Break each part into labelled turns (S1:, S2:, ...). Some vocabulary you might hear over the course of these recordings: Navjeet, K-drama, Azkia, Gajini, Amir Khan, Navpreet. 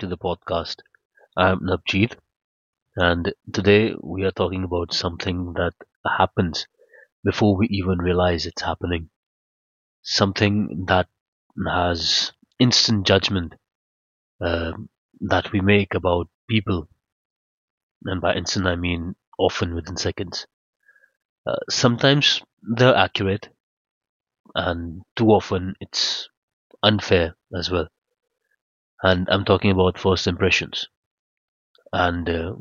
S1: to the podcast. I'm Navjeet, and today we are talking about something that happens before we even realize it's happening. Something that has instant judgment uh, that we make about people, and by instant I mean often within seconds. Sometimes they're accurate, and too often it's unfair as well. And I'm talking about first impressions, and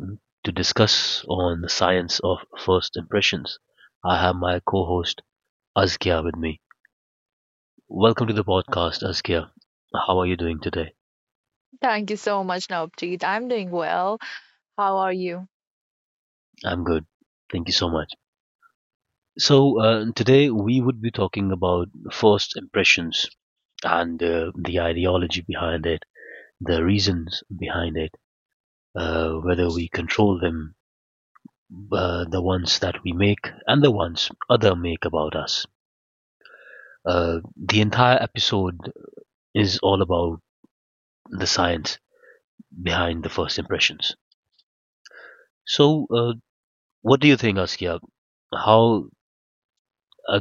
S1: to discuss on the science of first impressions, I have my co-host Azkia with me. Welcome to the podcast, Azkia. How are you doing today?
S2: Thank you so much, Navpreet. I'm doing well. How are you?
S1: I'm good. Thank you so much. So today we would be talking about first impressions and the ideology behind it, the reasons behind it, whether we control them, the ones that we make and the ones other make about us. Uh, the entire episode is all about the science behind the first impressions. So, what do you think, Askia? How uh,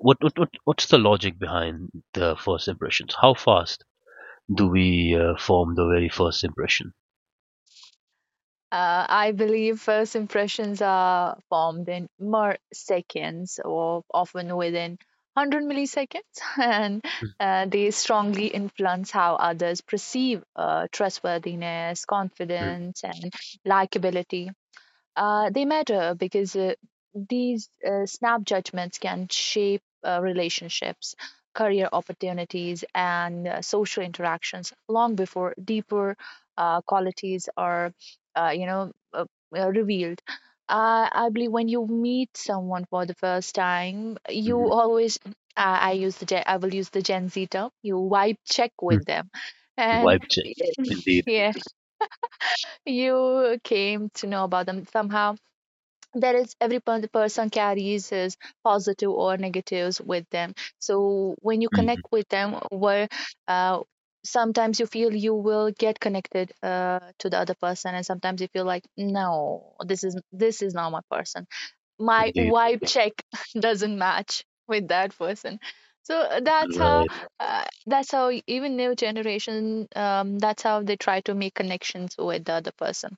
S1: what what's the logic behind the first impressions? How fast do we form the very first impression?
S2: I believe first impressions are formed in mere seconds or often within 100 milliseconds, and they strongly influence how others perceive trustworthiness, confidence, and likability. They matter because these snap judgments can shape relationships, career opportunities, and social interactions long before deeper qualities are, uh, you know, uh, revealed. I believe when you meet someone for the first time, you
S1: Mm-hmm.
S2: always, I will use the Gen Z term. You vibe check with them, and
S1: Vibe check, indeed,
S2: yeah, you came to know about them somehow. There is every person carries his positive or negatives with them, so when you
S1: hmm
S2: connect with them, where uh, sometimes you feel you will get connected to the other person, and sometimes you feel like, no, this is not my person, my
S1: indeed,
S2: vibe check doesn't match with that person. So,
S1: right,
S2: that's how even new generation, that's how they try to make connections with the other person.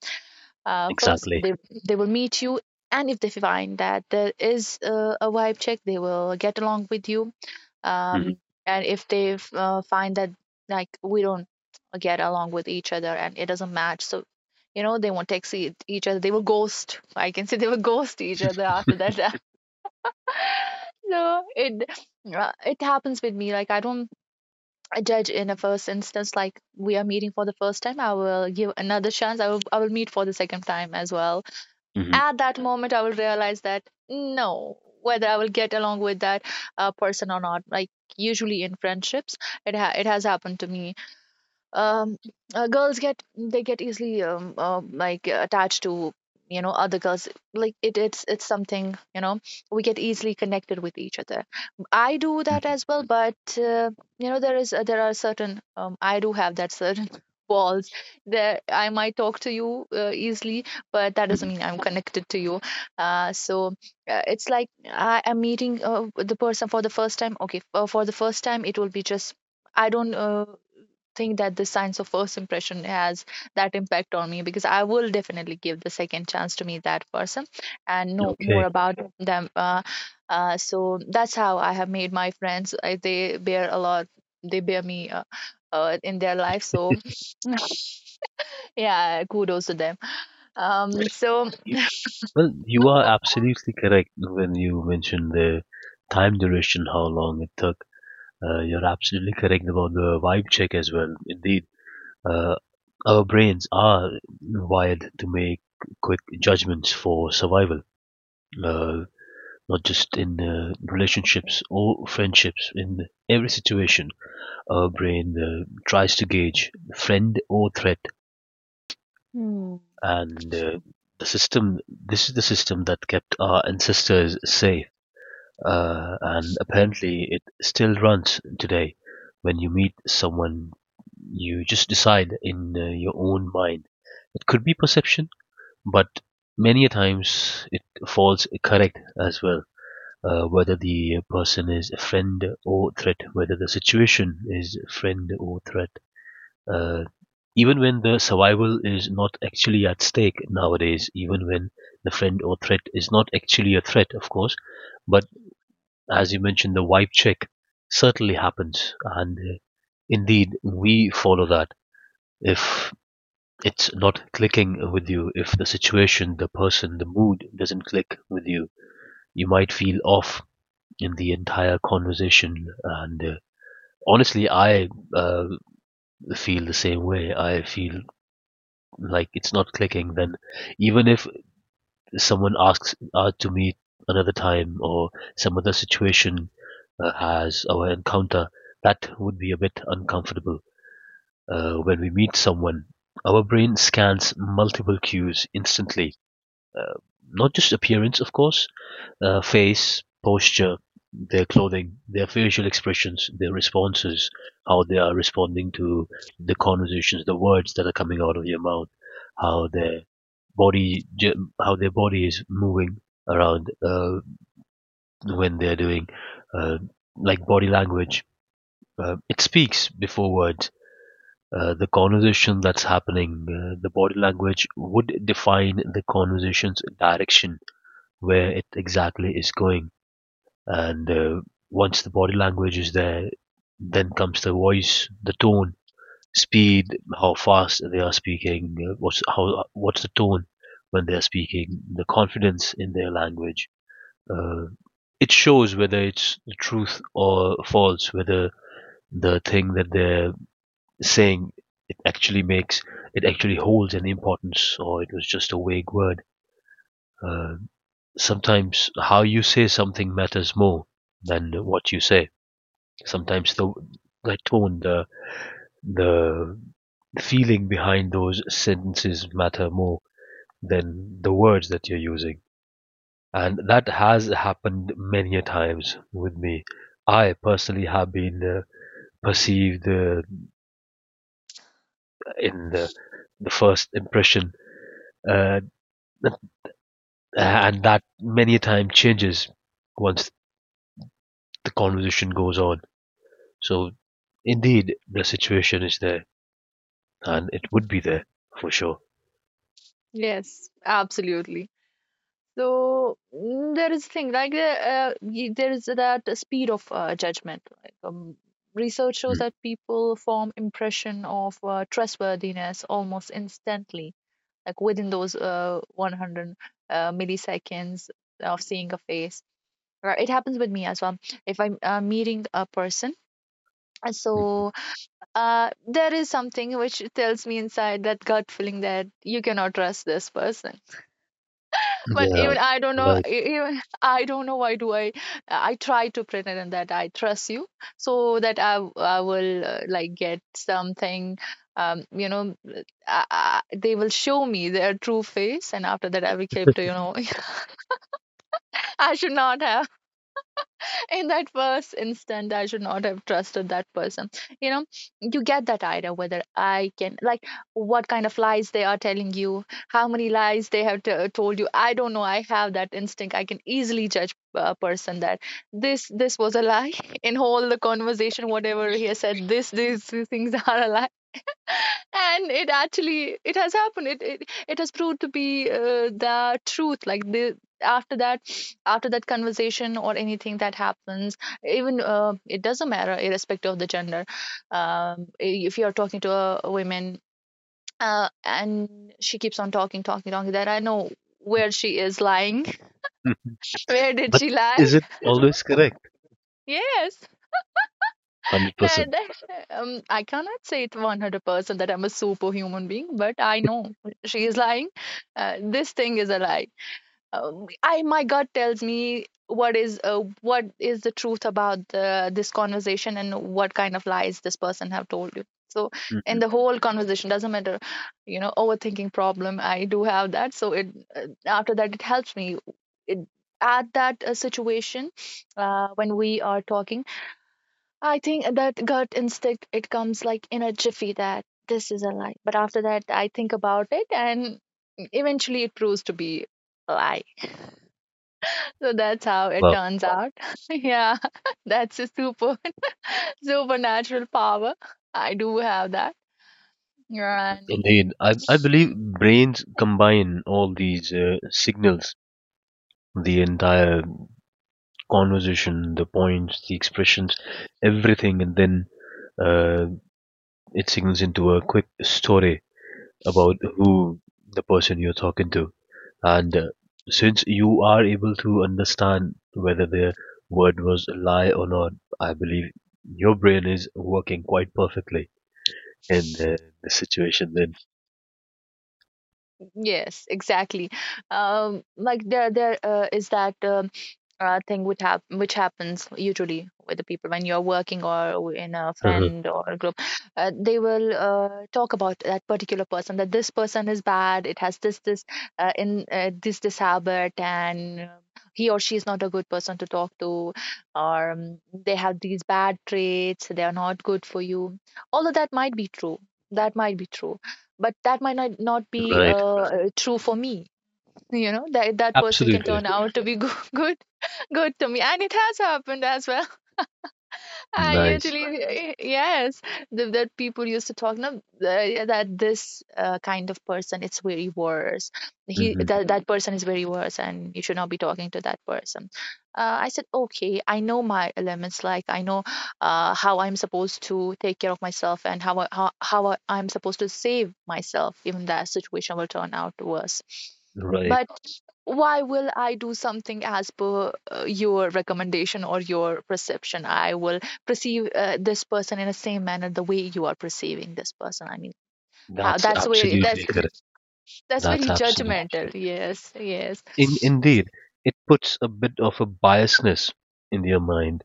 S2: First,
S1: exactly.
S2: they will meet you, and if they find that there is a vibe check, they will get along with you.
S1: Hmm,
S2: Um, and if find that, like, we don't get along with each other and it doesn't match, so, you know, they won't text each other. They will ghost. I can say they will ghost each other after that. So it happens with me. Like, I don't I judge in a first instance. Like, we are meeting for the first time, I will give another chance, I will meet for the second time as well.
S1: hmm,
S2: At that moment, I will realize that, no, whether I will get along with that person or not. Like, usually in friendships, it has happened to me. um, Girls get, they get easily attached to, you know, other girls. Like, it's something, you know, we get easily connected with each other. I do that
S1: hmm,
S2: as well. But, you know, there are certain, I do have that certain walls that I might talk to you easily, but that doesn't
S1: hmm.
S2: mean I'm connected to you. uh, so it's like I am meeting the person for the first time. Okay, for the first time, it will be just, I don't think that the science of first impression has that impact on me, because I will definitely give the second chance to meet that person and know more
S1: Okay.
S2: about them. So that's how I have made my friends. They bear a lot. They bear me. In their life, so yeah, kudos to them. um so
S1: You- Well, you are absolutely correct when you mentioned the time duration, how long it took. You're absolutely correct about the vibe check as well. Indeed, uh, our brains are wired to make quick judgments for survival, uh, not just in relationships or friendships. In every situation, our brain tries to gauge friend or threat,
S2: hmm,
S1: and the system. This is the system that kept our ancestors safe. And apparently it still runs today. When you meet someone, you just decide in your own mind. It could be perception, but many a times it falls correct as well. Whether the person is a friend or threat, whether the situation is friend or threat. Uh, even when the survival is not actually at stake nowadays, even when the friend or threat is not actually a threat, of course, but as you mentioned, the wipe check certainly happens, and indeed we follow that. If it's not clicking with you, if the situation, the person, the mood doesn't click with you, you might feel off in the entire conversation. And honestly, I uh, feel the same way. I feel like it's not clicking. Then, even if someone asks to meet another time or some other situation has our encounter, that would be a bit uncomfortable. When we meet someone, our brain scans multiple cues instantly, uh, not just appearance, of course, face, posture, their clothing, their facial expressions, their responses, how they are responding to the conversations, the words that are coming out of your mouth, how their body how their body is moving around when they're doing, uh, like, body language. It speaks before words. The conversation that's happening, the body language would define the conversation's direction, where it exactly is going. And once the body language is there, then comes the voice, the tone, speed, how fast they are speaking, what's the tone when they're speaking, the confidence in their language. Uh, it shows whether it's the truth or false, whether the thing that they're saying, it actually makes it actually holds an importance or it was just a vague word. Uh, sometimes how you say something matters more than what you say. Sometimes the tone, the The feeling behind those sentences matter more than the words that you're using. And that has happened many a times with me. I personally have been perceived in the first impression, uh, and that many a time changes once the conversation goes on. So, indeed, the situation is there, and it would be there for sure.
S2: yes, absolutely. So, there is thing like there is that speed of judgment. Like, research shows
S1: Mm,
S2: that people form impression of trustworthiness almost instantly, like within those 100 milliseconds of seeing a face. It happens with me as well. If I'm meeting a person, uh,
S1: mm, mm.
S2: so there is something which tells me inside, that gut feeling, that you cannot trust this person. But
S1: Yeah,
S2: even I don't know,
S1: right.
S2: even I don't know, why do I try to pretend that I trust you, so that I will like get something. You know, they will show me their true face, and after that I became to, you know, I should not have. In that first instant, I should not have trusted that person. You know, you get that idea, whether I can, like, what kind of lies they are telling you, how many lies they have to told you. I don't know, I have that instinct. I can easily judge a person that this was a lie. In all the conversation, whatever he has said, this these things are a lie. And it actually, it has happened. It has proved to be the truth. Like, the, after that, after that conversation or anything that happens, even it doesn't matter, irrespective of the gender. um, if you're talking to a woman and she keeps on talking, talking, talking, that I know where she is lying. Where did
S1: But
S2: she lie?
S1: is it always correct?
S2: Yes,
S1: 100%.
S2: that, I cannot say it 100% that I'm a superhuman being, but I know she is lying. This thing is a lie. I My gut tells me what is the truth about this conversation, and what kind of lies this person have told you. So, in
S1: Mhm.
S2: the whole conversation, doesn't matter, you know, overthinking problem, I do have that. So it after that it helps me. It At that situation when we are talking, I think that gut instinct, it comes like in a jiffy, that this is a lie. But after that, I think about it and eventually it proves to be a lie. So that's how it
S1: Wow,
S2: turns out. Yeah, that's a supernatural power. I do have that. And
S1: indeed. I believe brains combine all these signals, the entire conversation, the points, the expressions, everything, and then uh, it signals into a quick story about who the person you're talking to. And since you are able to understand whether the word was a lie or not, I believe your brain is working quite perfectly in the situation then.
S2: yes, exactly. Like, there is that thing which happens usually with the people when you're working or in a friend or a group. They will talk about that particular person, that this person is bad, it has this habit, and he or she is not a good person to talk to, or they have these bad traits, they are not good for you. Although that might be true, that might be true, but that might not be
S1: Right.
S2: true for me. You know, that that person can turn
S1: Absolutely.
S2: out to be good to me, and it has happened as well. I
S1: Nice.
S2: usually, yes, that people used to talk now that this kind of person, it's very worse. He
S1: Mhm.
S2: That that person is very worse, and you should not be talking to that person. I said, okay, I know my elements. Like, I know how I'm supposed to take care of myself, and how I- I'm supposed to save myself. Even that situation will turn out worse.
S1: Right.
S2: But why will I do something as per your recommendation or your perception? I will perceive this person in the same manner the way you are perceiving this person. I mean, how?
S1: That's
S2: That's where,
S1: absolutely
S2: that's okay.
S1: correct.
S2: That's very
S1: That's absolutely
S2: judgmental.
S1: correct.
S2: Yes, yes.
S1: Indeed, it puts a bit of a biasness in your mind,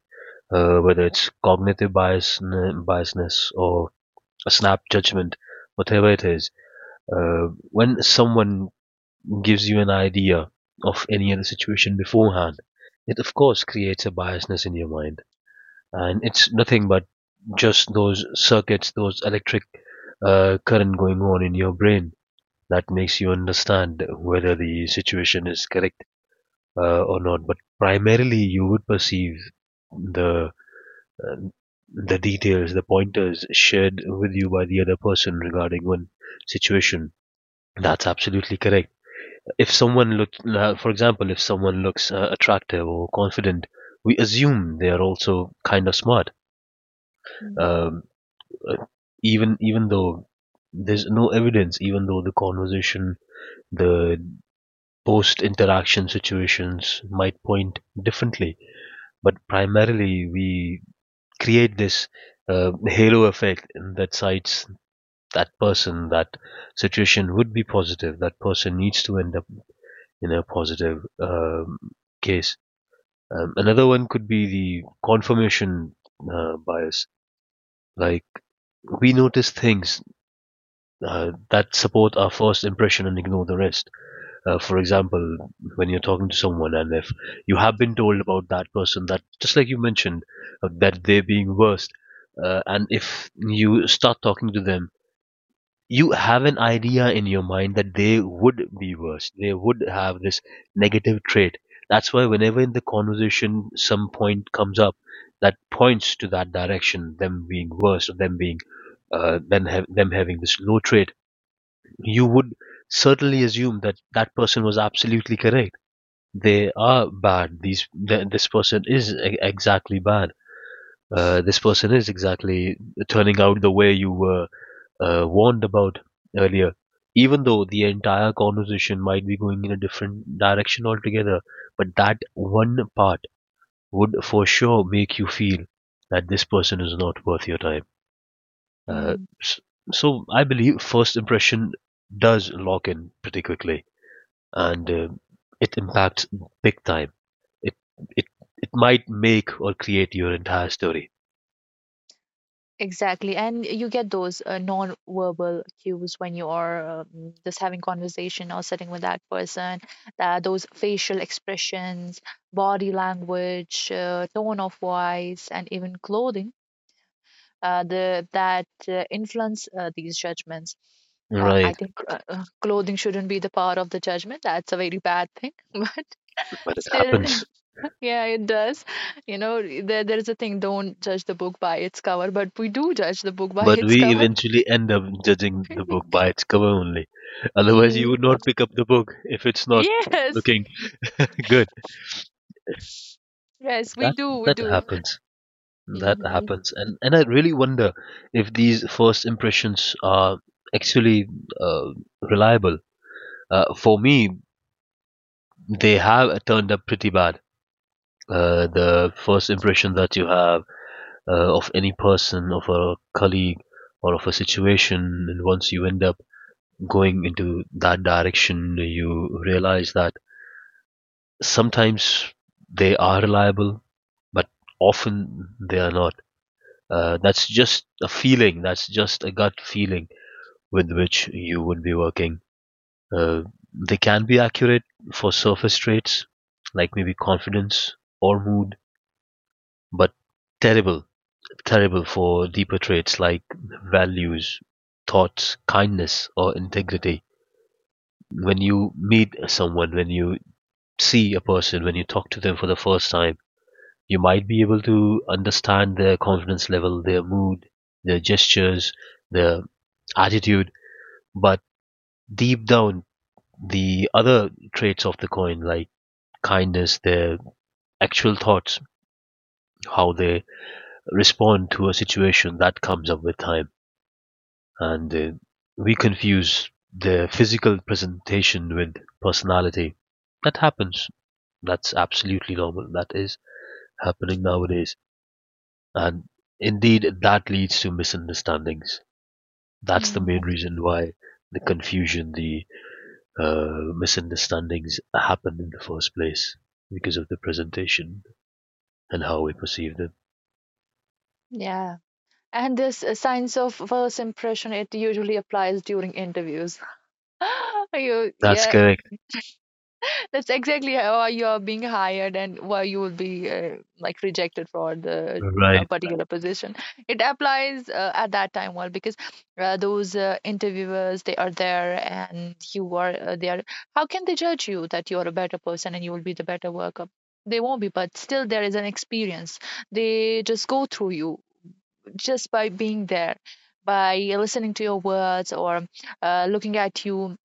S1: whether it's cognitive biasness or a snap judgment, whatever it is. When someone gives you an idea of any other situation beforehand, it of course creates a biasness in your mind. And it's nothing but just those circuits, those electric current going on in your brain that makes you understand whether the situation is correct or not. But primarily, you would perceive the uh, the details, the pointers shared with you by the other person regarding one situation. That's absolutely correct. If someone looks, For example, if someone looks attractive or confident, we assume they are also kind of smart,
S2: Mm,
S1: um, uh, even though there's no evidence, even though the conversation, the post-interaction situations might point differently, but primarily we create this halo effect that cites that person, that situation would be positive. That person needs to end up in a positive case. Another one could be the confirmation bias. Like, we notice things that support our first impression and ignore the rest. For example, when you're talking to someone, and if you have been told about that person that, just like you mentioned, that they're being worst, and if you start talking to them, you have an idea in your mind that they would be worse. They would have this negative trait. That's why whenever in the conversation some point comes up that points to that direction, them being worse or them being, them, ha- them having this low trait, you would certainly assume that that person was absolutely correct. They are bad. This person is exactly bad. This person is exactly turning out the way you were warned about earlier. Even though the entire conversation might be going in a different direction altogether, but that one part would for sure make you feel that this person is not worth your time. Uh,
S2: mm,
S1: s- so I believe first impression does lock in pretty quickly, and it impacts big time. It it it might make or create your entire story,
S2: exactly. And you get those non-verbal cues when you are just having conversation or sitting with that person. Those facial expressions, body language, tone of voice, and even clothing, the that influence these judgments. I
S1: right?
S2: think clothing shouldn't be the power of the judgment. That's a very bad thing, but
S1: But it
S2: still,
S1: happens.
S2: yeah, it does. You know, there is a thing: don't judge the book by its cover, but we do judge the book by
S1: But
S2: its
S1: we
S2: cover.
S1: eventually end up judging the book by its cover only. Otherwise, you would
S2: Mm.
S1: not pick up the book if it's not
S2: Yes,
S1: looking good.
S2: yes, we
S1: That
S2: do, we
S1: that
S2: do.
S1: happens. That
S2: hmm
S1: happens, and I really wonder if these first impressions are actually uh, reliable. For me, they have turned up pretty bad, the first impression that you have of any person, of a colleague, or of a situation. And once you end up going into that direction, you realize that sometimes they are reliable, but often they are not. That's just a feeling, that's just a gut feeling with which you would be working. Uh, they can be accurate for surface traits like maybe confidence or mood, but terrible terrible for deeper traits like values, thoughts, kindness, or integrity. When you meet someone, when you see a person, when you talk to them for the first time, you might be able to understand their confidence level, their mood, their gestures, their attitude, but deep down, the other traits of the coin, like kindness, their actual thoughts, how they respond to a situation, that comes up with time. And we confuse the physical presentation with personality. That happens. That's absolutely normal. That is happening nowadays. And indeed, that leads to misunderstandings. That's the main reason why the confusion, the misunderstandings happened in the first place, because of the presentation and how we perceive them.
S2: Yeah. And this science of first impression, it usually applies during interviews.
S1: That's
S2: Yeah,
S1: correct.
S2: that's exactly how you're being hired and why you will be like rejected for the, uh,
S1: Right.
S2: Right. particular position. It applies at that time, well, because those interviewers, they are there and you are there. How can they judge you that you are a better person and you will be the better worker? They won't be, but still there is an experience. They just go through you, just by being there, by listening to your words or looking at you,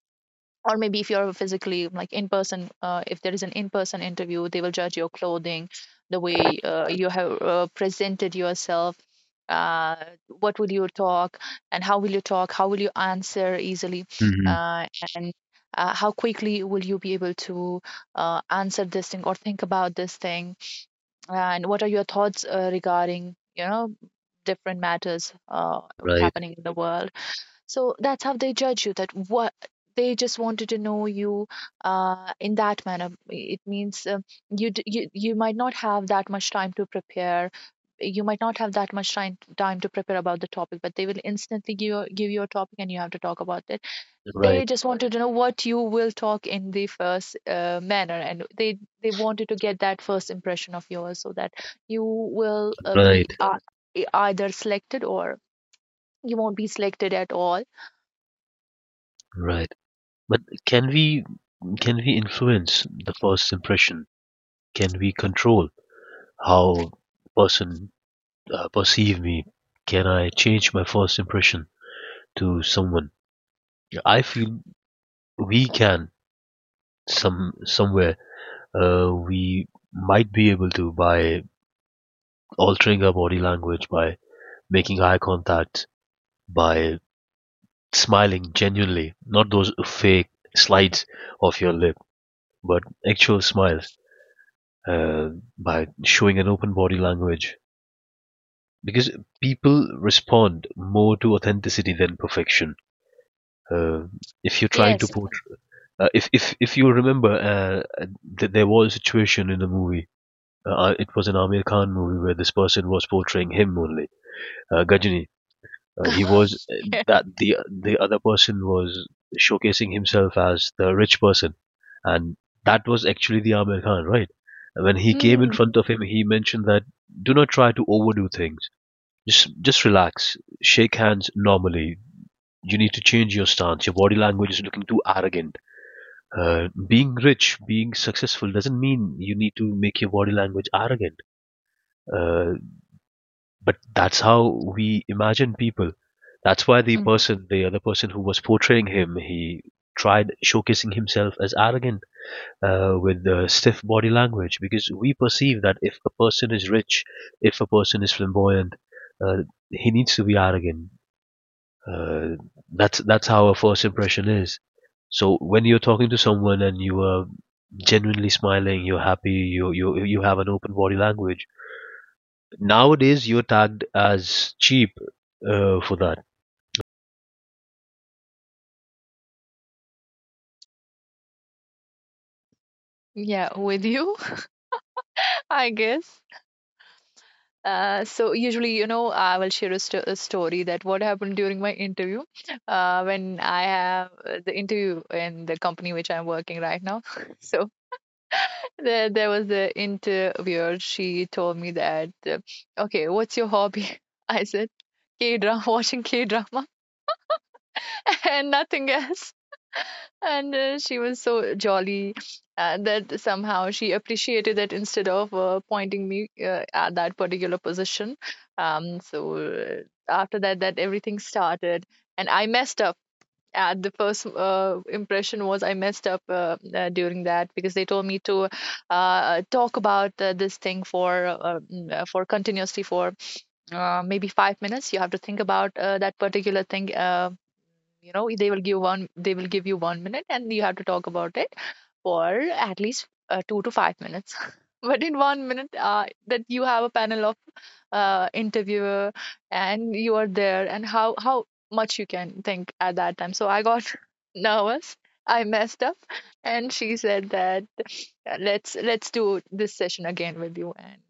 S2: or maybe if you're physically, like, in person, if there is an in-person interview, they will judge your clothing, the way you have presented yourself, uh, what will you talk and how will you talk, how will you answer easily,
S1: Hmm.
S2: uh, and how quickly will you be able to answer this thing or think about this thing, and what are your thoughts regarding, you know, different matters
S1: Right.
S2: happening in the world. So that's how they judge you. That what they just wanted to know you in that manner. It means, you, you might not have that much time to prepare. You might not have that much time to prepare about the topic, but they will instantly give you a topic and you have to talk about it. They
S1: Right.
S2: just wanted to know what you will talk in the first manner, and they wanted to get that first impression of yours, so that you will be
S1: Right.
S2: either selected or you won't be selected at all.
S1: Right. But can we Can we influence the first impression? Can we control how person perceive me? Can I change my first impression to someone? I feel we can somewhere. We might be able to by altering our body language, by making eye contact, by smiling genuinely, not those fake slides of your lip, but actual smiles. Uh, by showing an open body language, because people respond more to authenticity than perfection. Uh, if you're trying to
S2: Yes,
S1: portray, if you remember, there was a situation in a movie. It was an Amir Khan movie where this person was portraying him only, Gajini. He was
S2: yeah.
S1: that the other person was showcasing himself as the rich person, and that was actually the Amir Khan, right? When he came in
S2: Mm,
S1: front of him, he mentioned that do not try to overdo things, just relax. Shake hands normally. You need to change your stance. Your body language is looking too arrogant. Being rich, being successful doesn't mean you need to make your body language arrogant. Uh, but that's how we imagine people. That's why the
S2: mm.
S1: person, the other person who was portraying him, he tried showcasing himself as arrogant with stiff body language, because we perceive that if a person is rich, if a person is flamboyant, uh, he needs to be arrogant. Uh, that's how a first impression is. So when you're talking to someone and you are genuinely smiling, you're happy, you have an open body language. Nowadays, you're tagged as cheap for that.
S2: Yeah, with you, I guess. So usually, you know, I will share a story that what happened during my interview. When I have the interview in the company which I'm working right now. So, there was the interviewer. She told me that, okay, what's your hobby? I said, K-drama, watching K-drama, and nothing else. And she was so jolly that somehow she appreciated that instead of pointing me at that particular position. um so uh, After that, that everything started, and I messed up at the first impression. Was I messed up during that, because they told me to talk about this thing for, for continuously, for maybe 5 minutes you have to think about that particular thing. You know, they will give one, they will give you 1 minute and you have to talk about it for at least 2 to 5 minutes, but in 1 minute, that you have a panel of interviewer and you are there, and how much you can think at that time. So I got nervous, I messed up, and she said that, Let's do this session again with you. And,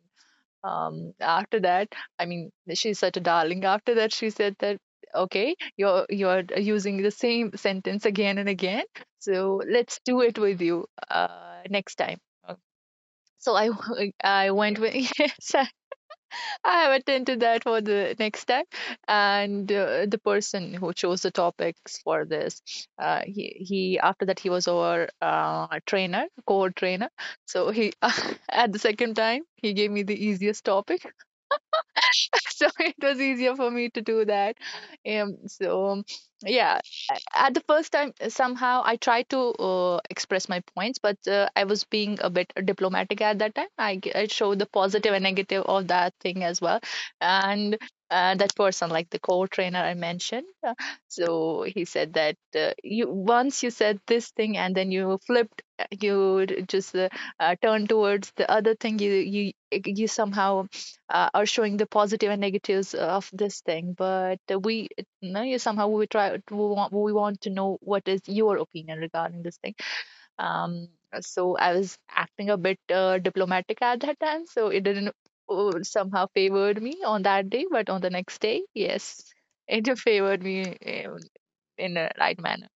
S2: after that, I mean, she's such a darling, after that she said that, okay, you're using the same sentence again and again, so let's do it with you next time." Uh, so, I went with, yes, I have attended that for the next time. And the person who chose the topics for this, uh he he, after that, he was our trainer, core trainer. So he, at the second time, he gave me the easiest topic. So it was easier for me to do that. um so yeah, at the first time, somehow I tried to express my points, but I was being a bit diplomatic at that time. I showed the positive and negative of that thing as well. And that person, like the co-trainer I mentioned, so he said that, you, once you said this thing and then you flipped, you d- just turned towards the other thing. You somehow are showing the positive and negatives of this thing, but, we, no, you somehow, we try, we want to know what is your opinion regarding this thing. um I was acting a bit diplomatic at that time, so it didn't somehow favored me on that day, but on the next day, yes, it favored me in a right manner.